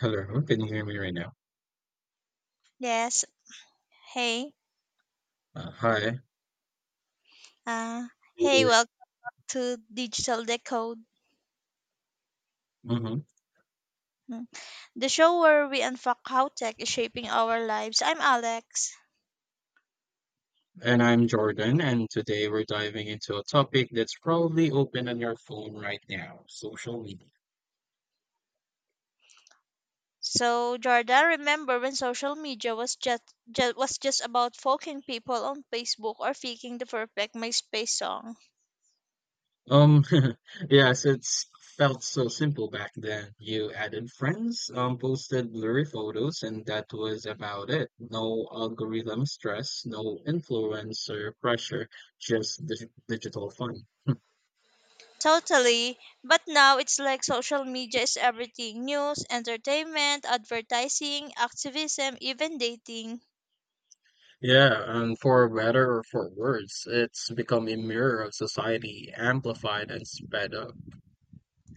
Hello, can you hear me right now? Yes. Hey. Hi. Uh, hey, welcome to Digital Decode, Mm-hmm. mm, the show where we unfuck how tech is shaping our lives. I'm Alex. And I'm Jordan, and today we're diving into a topic that's probably open on your phone right now, social media. So, Jordan, remember when social media was just about folking people on Facebook or faking the perfect MySpace song? Um, yes, it's felt so simple back then. You added friends, posted blurry photos, and that was about it. No algorithm stress, no influencer pressure, just digital fun. Totally. But now it's like social media is everything: news, entertainment, advertising, activism, even dating. Yeah, and for better or for worse, it's become a mirror of society, amplified and sped up.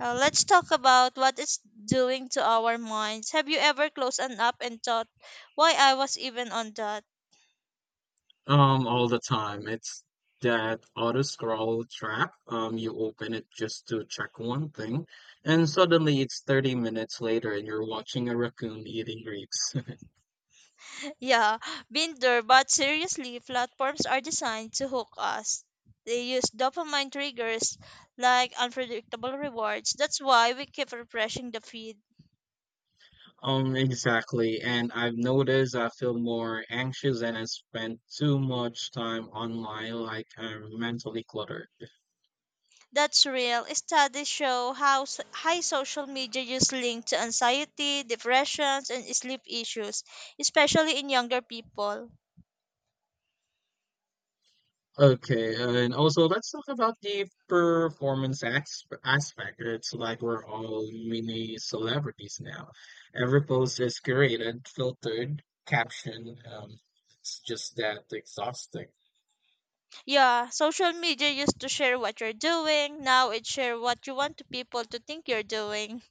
Let's talk about what it's doing to our minds. Have you ever closed an app and thought, why I was even on that? All the time. It's that auto scroll trap. You open it just to check one thing, and suddenly it's 30 minutes later and you're watching a raccoon eating grapes. Yeah, been there, but seriously, platforms are designed to hook us. They use dopamine triggers like unpredictable rewards. That's why we keep refreshing the feed. Exactly. And I've noticed I feel more anxious and I spend too much time online, like I'm mentally cluttered. That's real. Studies show how high social media use linked to anxiety, depressions, and sleep issues, especially in younger people. Okay, and also let's talk about the performance aspect. It's like we're all mini celebrities now. Every post is curated, filtered, captioned. It's just that exhausting. Yeah, social media used to share what you're doing. Now it share what you want to people to think you're doing,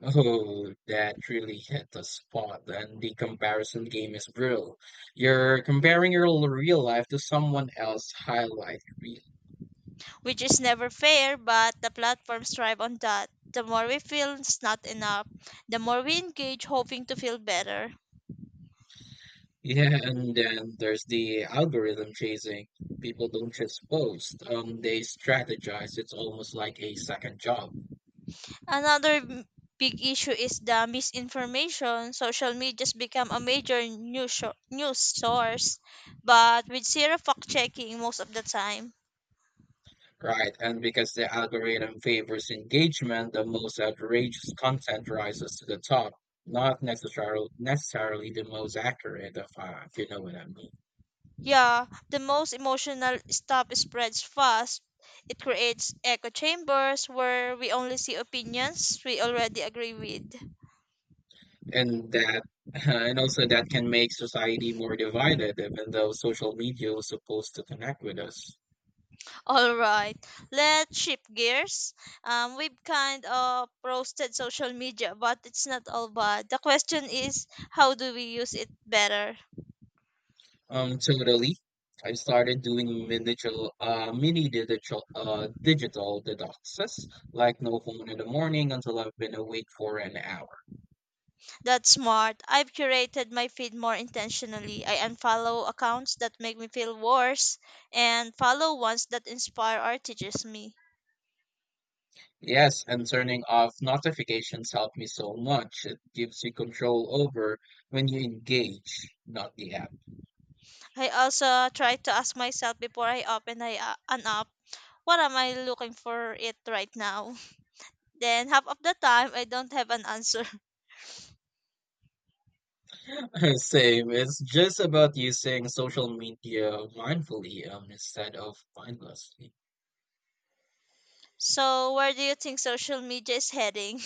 Oh, that really hit the spot. And the comparison game is brutal. You're comparing your real life to someone else's highlight. which is never fair, but the platforms thrive on that. The more we feel it's not enough, the more we engage hoping to feel better. Yeah, and then there's the algorithm chasing. People don't just post, they strategize. It's almost like a second job, Another m- big issue is the misinformation. Social media's become a major news source, but with zero fact checking most of the time. right? And because the algorithm favors engagement, the most outrageous content rises to the top, not necessarily the most accurate, if you know what I mean. Yeah, the most emotional stuff spreads fast. It creates echo chambers where we only see opinions we already agree with. And that, and also that can make society more divided, even though social media was supposed to connect with us. All right, let's shift gears. We've kind of roasted social media, but it's not all bad. The question is, how do we use it better? Totally. I started doing digital detoxes, like no phone in the morning until I've been awake for an hour. That's smart. I've curated my feed more intentionally. I unfollow accounts that make me feel worse and follow ones that inspire or teaches me. Yes, and turning off notifications helped me so much. It gives you control over when you engage, not the app. I also try to ask myself before I open an app, what am I looking for it right now? Then half of the time I don't have an answer. Same. It's just about using social media mindfully, instead of mindlessly. So where do you think social media is heading?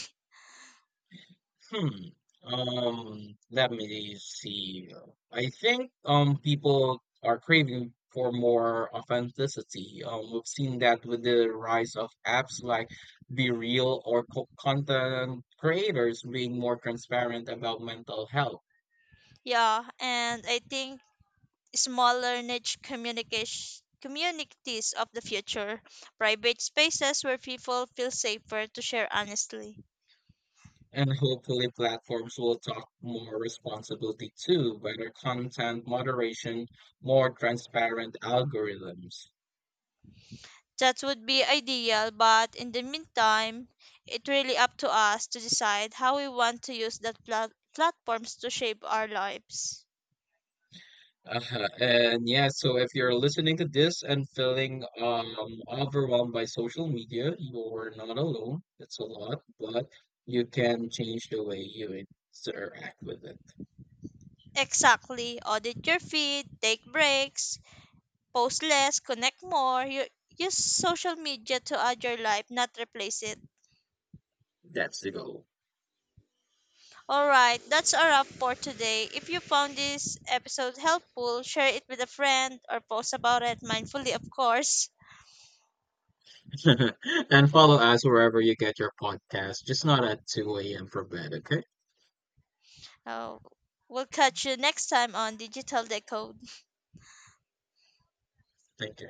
Hmm. Let me see. I think people are craving for more authenticity. We've seen that with the rise of apps like Be Real or content creators being more transparent about mental health. Yeah, and I think smaller niche communication communities of the future, private spaces where people feel safer to share honestly. And hopefully platforms will talk more responsibility too, better content moderation, more transparent algorithms. That would be ideal, but in the meantime, it's really up to us to decide how we want to use that platforms to shape our lives. Uh, and yeah, so if you're listening to this and feeling overwhelmed by social media, you're not alone. It's a lot, but you can change the way you interact with it. Exactly. Audit your feed, take breaks, post less, connect more. You, use social media to add your life, not replace it. That's the goal. Alright, that's a wrap for today. If you found this episode helpful, share it with a friend or post about it mindfully, of course. And follow us wherever you get your podcast, just not at 2 a.m. for bed, okay? Uh, we'll catch you next time on Digital Decode. Thank you.